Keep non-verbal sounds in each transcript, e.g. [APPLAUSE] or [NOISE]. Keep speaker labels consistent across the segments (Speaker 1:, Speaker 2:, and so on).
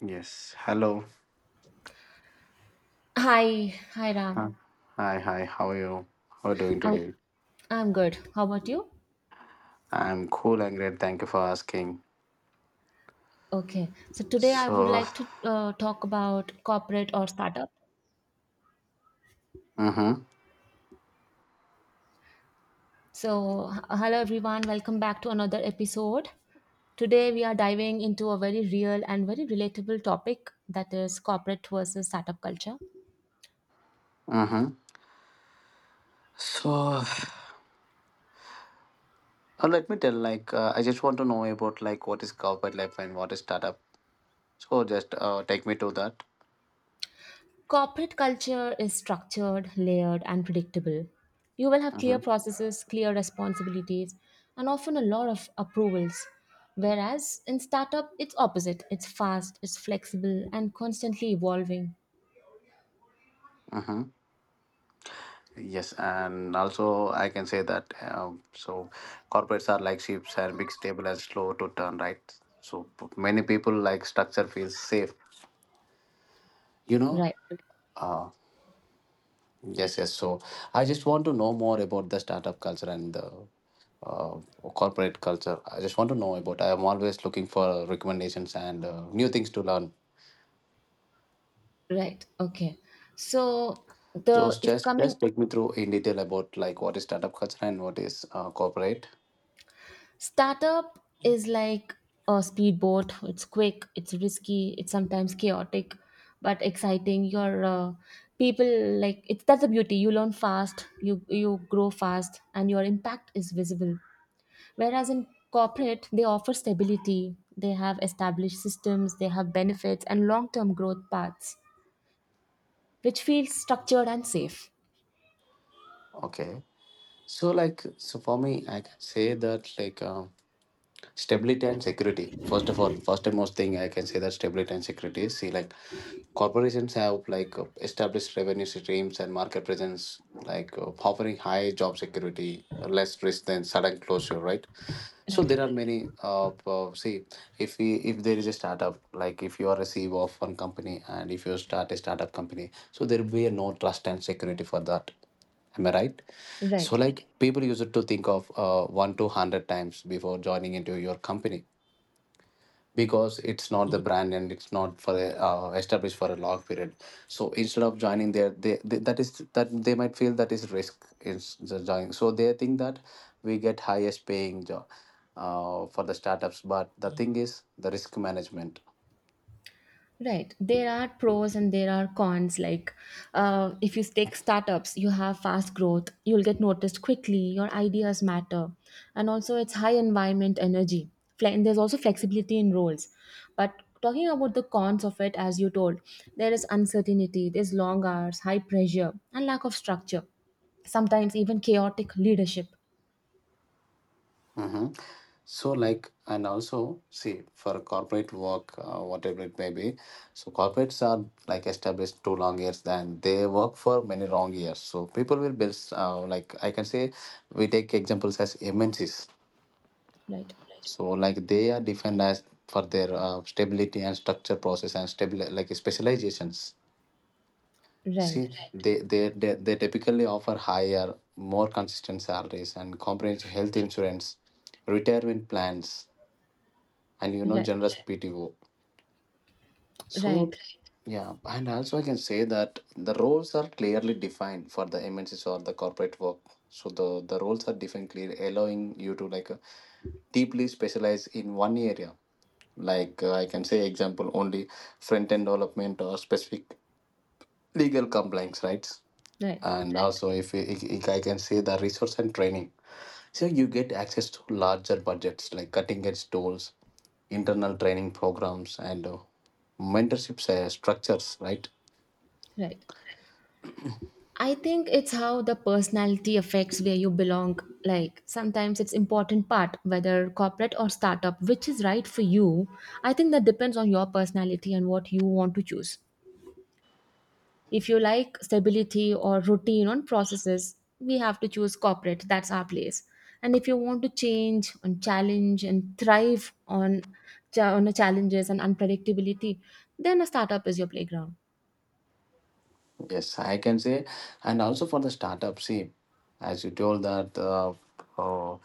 Speaker 1: Yes. Hello.
Speaker 2: Hi, hi Ram.
Speaker 1: Huh. Hi. Hi. How are you? How are you doing
Speaker 2: I'm
Speaker 1: today?
Speaker 2: I'm good. How about you?
Speaker 1: I'm cool and great. Thank you for asking.
Speaker 2: Okay. So today I would
Speaker 1: So,
Speaker 2: like to talk about corporate or startup.
Speaker 1: mm-hmm,
Speaker 2: So hello everyone, welcome back to another episode. Today we are diving into a very real and very relatable topic that is corporate versus startup culture.
Speaker 1: mm-hmm. So, uh, Let me tell. I just want to know about like what is corporate life and what is startup. So, just take me to that.
Speaker 2: Corporate culture is structured, layered, and predictable. You will have clear
Speaker 1: Mm-hmm.
Speaker 2: processes, clear responsibilities, and often a lot of approvals. Whereas in startup, it's opposite. It's fast, it's flexible, and constantly evolving.
Speaker 1: Mm-hmm. Yes, and also I can say that so corporates are like ships and big, stable, and slow to turn right. So many people like structure feels safe. You know,
Speaker 2: Right,
Speaker 1: uh, Yes, yes. So I just want to know more about the startup culture and the uh, corporate culture. I just want to know about. I am always looking for recommendations and new things to learn.
Speaker 2: right, okay. So the
Speaker 1: Just,
Speaker 2: if
Speaker 1: just,
Speaker 2: coming
Speaker 1: just take me through in detail about like what is startup culture and what is corporate.
Speaker 2: Startup is like a speedboat. It's quick, it's risky, it's sometimes chaotic, but exciting. Your people like it's that's the beauty. You learn fast, you grow fast, and your impact is visible. Whereas in corporate, they offer stability. They have established systems, they have benefits and long-term growth paths, which feels structured and safe.
Speaker 1: Okay. So for me, I can say that stability and security. First of all, first and most thing I can say that stability and security. See, like corporations have established revenue streams and market presence offering high job security, less risk than sudden closure, right? So
Speaker 2: Right.
Speaker 1: there are many see, if there is a startup, like if you are a CEO of one company and if you start a startup company, so there will be no trust and security for that. Am I right? So
Speaker 2: Right.
Speaker 1: like people used to think of one to hundred times before joining into your company, because it's not the brand and it's not established for a long period. So instead of joining there, they that is that they might feel that is risk is the joining. So they think that we get highest paying job for the startups, but the thing is the risk management.
Speaker 2: Right. There are pros and there are cons. Like, if you take startups, you have fast growth, you'll get noticed quickly, your ideas matter. And also, it's high environment energy. And there's also flexibility in roles. But talking about the cons of it, as you told, there is uncertainty, there's long hours, high pressure, and lack of structure. Sometimes even chaotic leadership.
Speaker 1: Hmm. So, like, and also, see, for corporate work, whatever it may be, so corporates are like established too long years, then they work for many long years. So, people will build, I can say, we take examples as MNCs.
Speaker 2: Right.
Speaker 1: So, like, they are defined as for their stability and structure process and stable, like, specializations.
Speaker 2: Right.
Speaker 1: See, they typically offer higher, more consistent salaries and comprehensive health insurance, retirement plans, and you know,
Speaker 2: Right.
Speaker 1: generous PTO. So
Speaker 2: Right.
Speaker 1: yeah, and also I can say that the roles are clearly defined for the MNCs or the corporate work. So the roles are defined clearly, allowing you to deeply specialize in one area. I can say, example only front end development or specific legal compliance rights.
Speaker 2: Right.
Speaker 1: And also, if I can say, the resource and training. So you get access to larger budgets like cutting edge tools, internal training programs, and mentorship structures, right?
Speaker 2: Right. I think it's how the personality affects where you belong. Like sometimes it's important part whether corporate or startup, which is right for you. I think that depends on your personality and what you want to choose. If you like stability or routine on processes, we have to choose corporate. That's our place. And if you want to change and challenge and thrive on on the challenges and unpredictability, then a startup is your playground.
Speaker 1: Yes, I can say. And also for the startup, see, as you told that uh,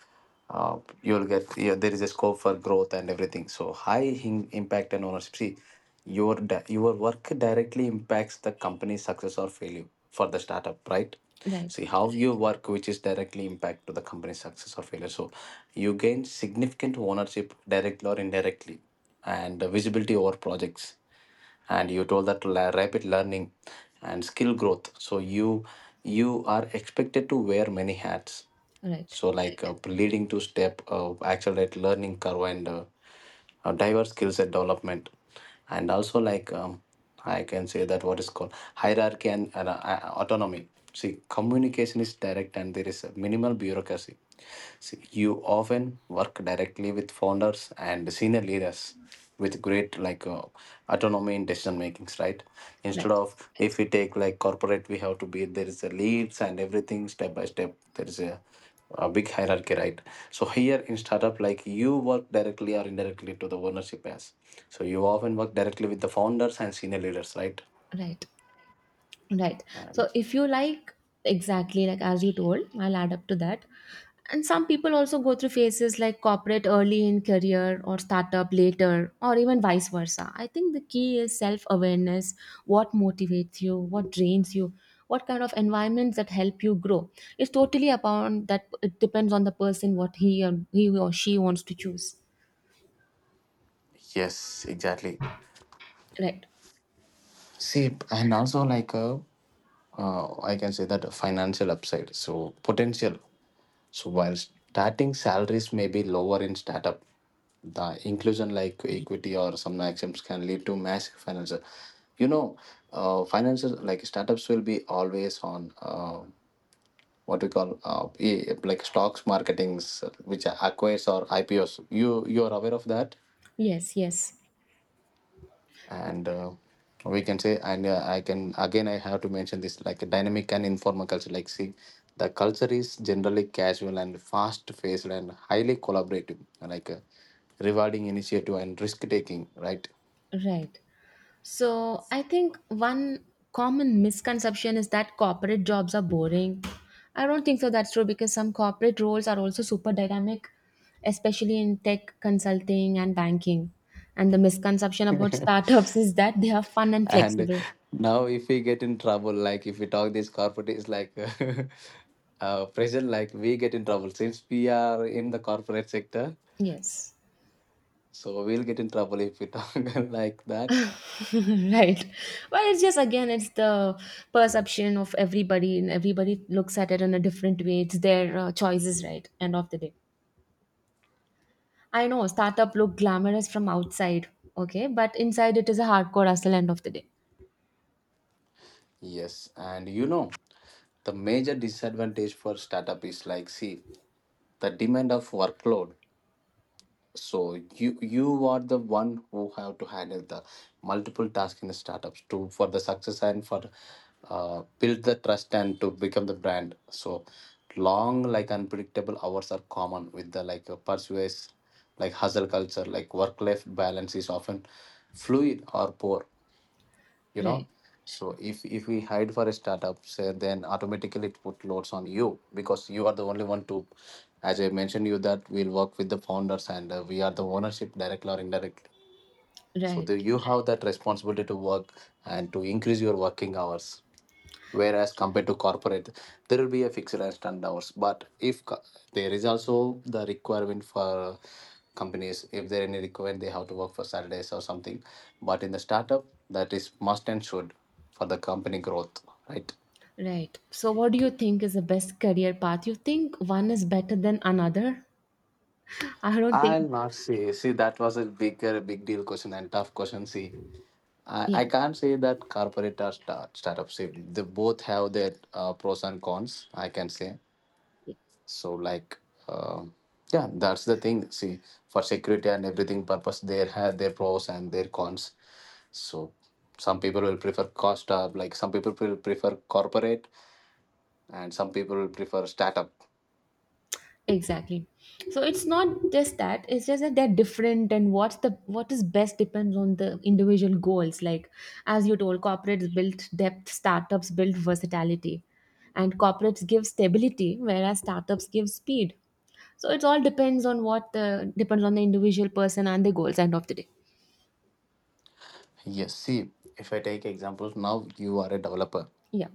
Speaker 1: you'll get, yeah, there is a scope for growth and everything, so high in impact and ownership. See, your work directly impacts the company's success or failure for the startup, right?
Speaker 2: Right.
Speaker 1: See how you work, which is directly impact to the company's success or failure. So you gain significant ownership directly or indirectly, and visibility over projects. And you told that rapid learning and skill growth. So you are expected to wear many hats.
Speaker 2: Right.
Speaker 1: So, like leading to accelerate learning curve, and diverse skill set development. And also, I can say that what is called hierarchy and autonomy. See, communication is direct, and there is a minimal bureaucracy. So you often work directly with founders and senior leaders with great autonomy in decision makings, right? Instead
Speaker 2: Right.
Speaker 1: of, if we take like corporate, we have to be there is a leads and everything step by step, there is a big hierarchy, right? So here in startup, like you work directly or indirectly to the ownership. As so you often work directly with the founders and senior leaders, right?
Speaker 2: Right. Right.
Speaker 1: And
Speaker 2: So if you like, exactly like as you told, I'll add up to that. And some people also go through phases like corporate early in career or startup later, or even vice versa. I think the key is self awareness, what motivates you, what drains you, what kind of environments that help you grow. It's totally upon that, it depends on the person what he or she wants to choose.
Speaker 1: yes, exactly.
Speaker 2: Right.
Speaker 1: See and also I can say that a financial upside. So potential. So while starting salaries may be lower in startup, the inclusion like equity or some actions can lead to massive financial. You know, Finances like startups will be always on what we call like stocks marketings, which acquires or IPOs. You, you are aware of that?
Speaker 2: Yes, yes.
Speaker 1: And we can say. And I can again, I have to mention this like a dynamic and informal culture. Like see, the culture is generally casual and fast paced and highly collaborative, rewarding initiative and risk taking, right?
Speaker 2: Right. So I think one common misconception is that corporate jobs are boring. I don't think so that's true because some corporate roles are also super dynamic, especially in tech consulting and banking. And the misconception about
Speaker 1: [LAUGHS]
Speaker 2: startups [LAUGHS] is that they are fun and
Speaker 1: And
Speaker 2: flexible.
Speaker 1: now if we get in trouble, like if we talk this corporate is like [LAUGHS] present, like we get in trouble since we are in the corporate sector.
Speaker 2: Yes.
Speaker 1: So we'll get in trouble if we talk [LAUGHS] like that.
Speaker 2: [LAUGHS] Right. Well, it's just again, it's the perception of everybody, and everybody looks at it in a different way. It's their choices, right? End of the day. I know startup look glamorous from outside, okay, but inside it is a hardcore hustle end of the day.
Speaker 1: Yes, and you know, the major disadvantage for startup is, like, see, the demand of workload. So you are the one who have to handle the multiple tasks in the startups to for the success, and for build the trust and to become the brand. So long, like unpredictable hours are common with the pursuits like hustle culture. Like work life balance is often fluid or poor, you know.
Speaker 2: Right,
Speaker 1: So if we hide for a startup, say, then automatically it put loads on you, because you are the only one to, as I mentioned you, that we'll work with the founders, and we are the ownership directly or indirectly. So
Speaker 2: right,
Speaker 1: the, you have that responsibility to work and to increase your working hours, whereas compared to corporate, there will be a fixed and stand hours. But if co- there is also the requirement for companies, if there any requirement, they have to work for saturdays or something. But in the startup, that is must and should for the company growth, right?
Speaker 2: right. So, what do you think is the best career path? You think one is better than another? [LAUGHS] I don't think.
Speaker 1: I'll not say. See, that was a bigger big deal question and tough question. See, I
Speaker 2: Yeah,
Speaker 1: can't say that corporate or startup. See, they both have their pros and cons, I can say. So like, um, yeah, that's the thing. See, for security and everything purpose, there have their pros and their cons. So some people will prefer cost up, like some people will prefer corporate, and some people will prefer startup.
Speaker 2: exactly. So it's not just that, it's just that they're different and what is best depends on the individual goals. Like as you told, corporates build depth, startups build versatility. And corporates give stability, whereas startups give speed. So it all depends on what the depends on the individual person and the goals end of the day.
Speaker 1: Yes, see, if I take examples, now you are a developer.
Speaker 2: Yeah.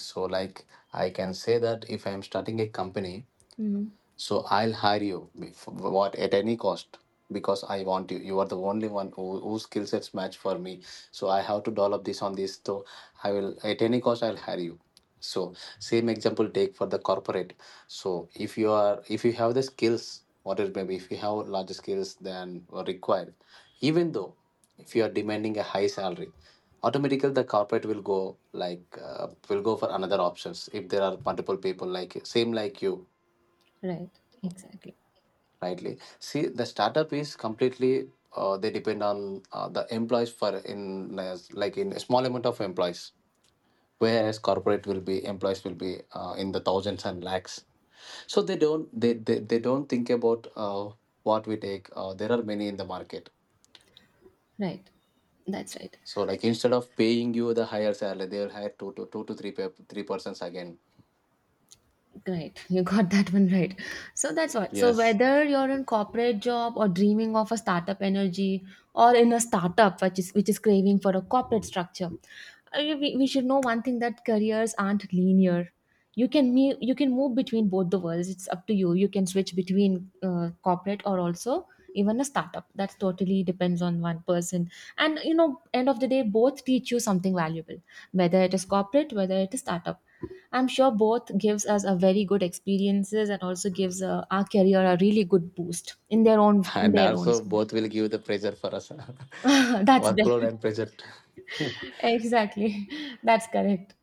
Speaker 1: So like I can say that if I am starting a company,
Speaker 2: Mhm.
Speaker 1: so I'll hire you for what at any cost, because I want you. You are the only one who, whose skill sets match for me. So I have to develop this on this. So I will at any cost I'll hire you. So same example take for the corporate. So if you are, if you have the skills, what it may be, if you have larger skills than are required, even though if you are demanding a high salary, automatically the corporate will go will go for another options if there are multiple people like same like you.
Speaker 2: Right. Exactly.
Speaker 1: Rightly, see, the startup is completely they depend on the employees for like in a small amount of employees, whereas corporate will be, employees will be in the thousands and lakhs. So they don't, they don't think about what we take, there are many in the market.
Speaker 2: Right. That's right.
Speaker 1: So like, instead of paying you the higher salary, they will hire two to three persons again.
Speaker 2: Great, you got that one right. So that's what. So
Speaker 1: Yes,
Speaker 2: whether you're in corporate job or dreaming of a startup energy, or in a startup which is craving for a corporate structure, I mean, we should know one thing that careers aren't linear. You can me you can move between both the worlds. It's up to you. You can switch between corporate or also even a startup that totally depends on one person, and you know end of the day both teach you something valuable, whether it is corporate, whether it is startup. I'm sure both gives us a very good experiences and also gives our career a really good boost in their
Speaker 1: and
Speaker 2: own.
Speaker 1: also both will give the pressure for us.
Speaker 2: [LAUGHS]
Speaker 1: [LAUGHS]
Speaker 2: That's the
Speaker 1: Workload and pressure. [LAUGHS]
Speaker 2: [LAUGHS] exactly, that's correct.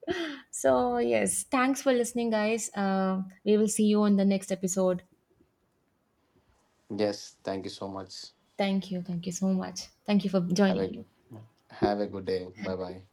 Speaker 2: So yes, thanks for listening guys, we will see you in the next episode.
Speaker 1: Yes, thank you so much.
Speaker 2: Thank you, thank you so much, thank you for
Speaker 1: Have
Speaker 2: joining me.
Speaker 1: a, have a good day.
Speaker 2: Have
Speaker 1: Bye
Speaker 2: a
Speaker 1: bye.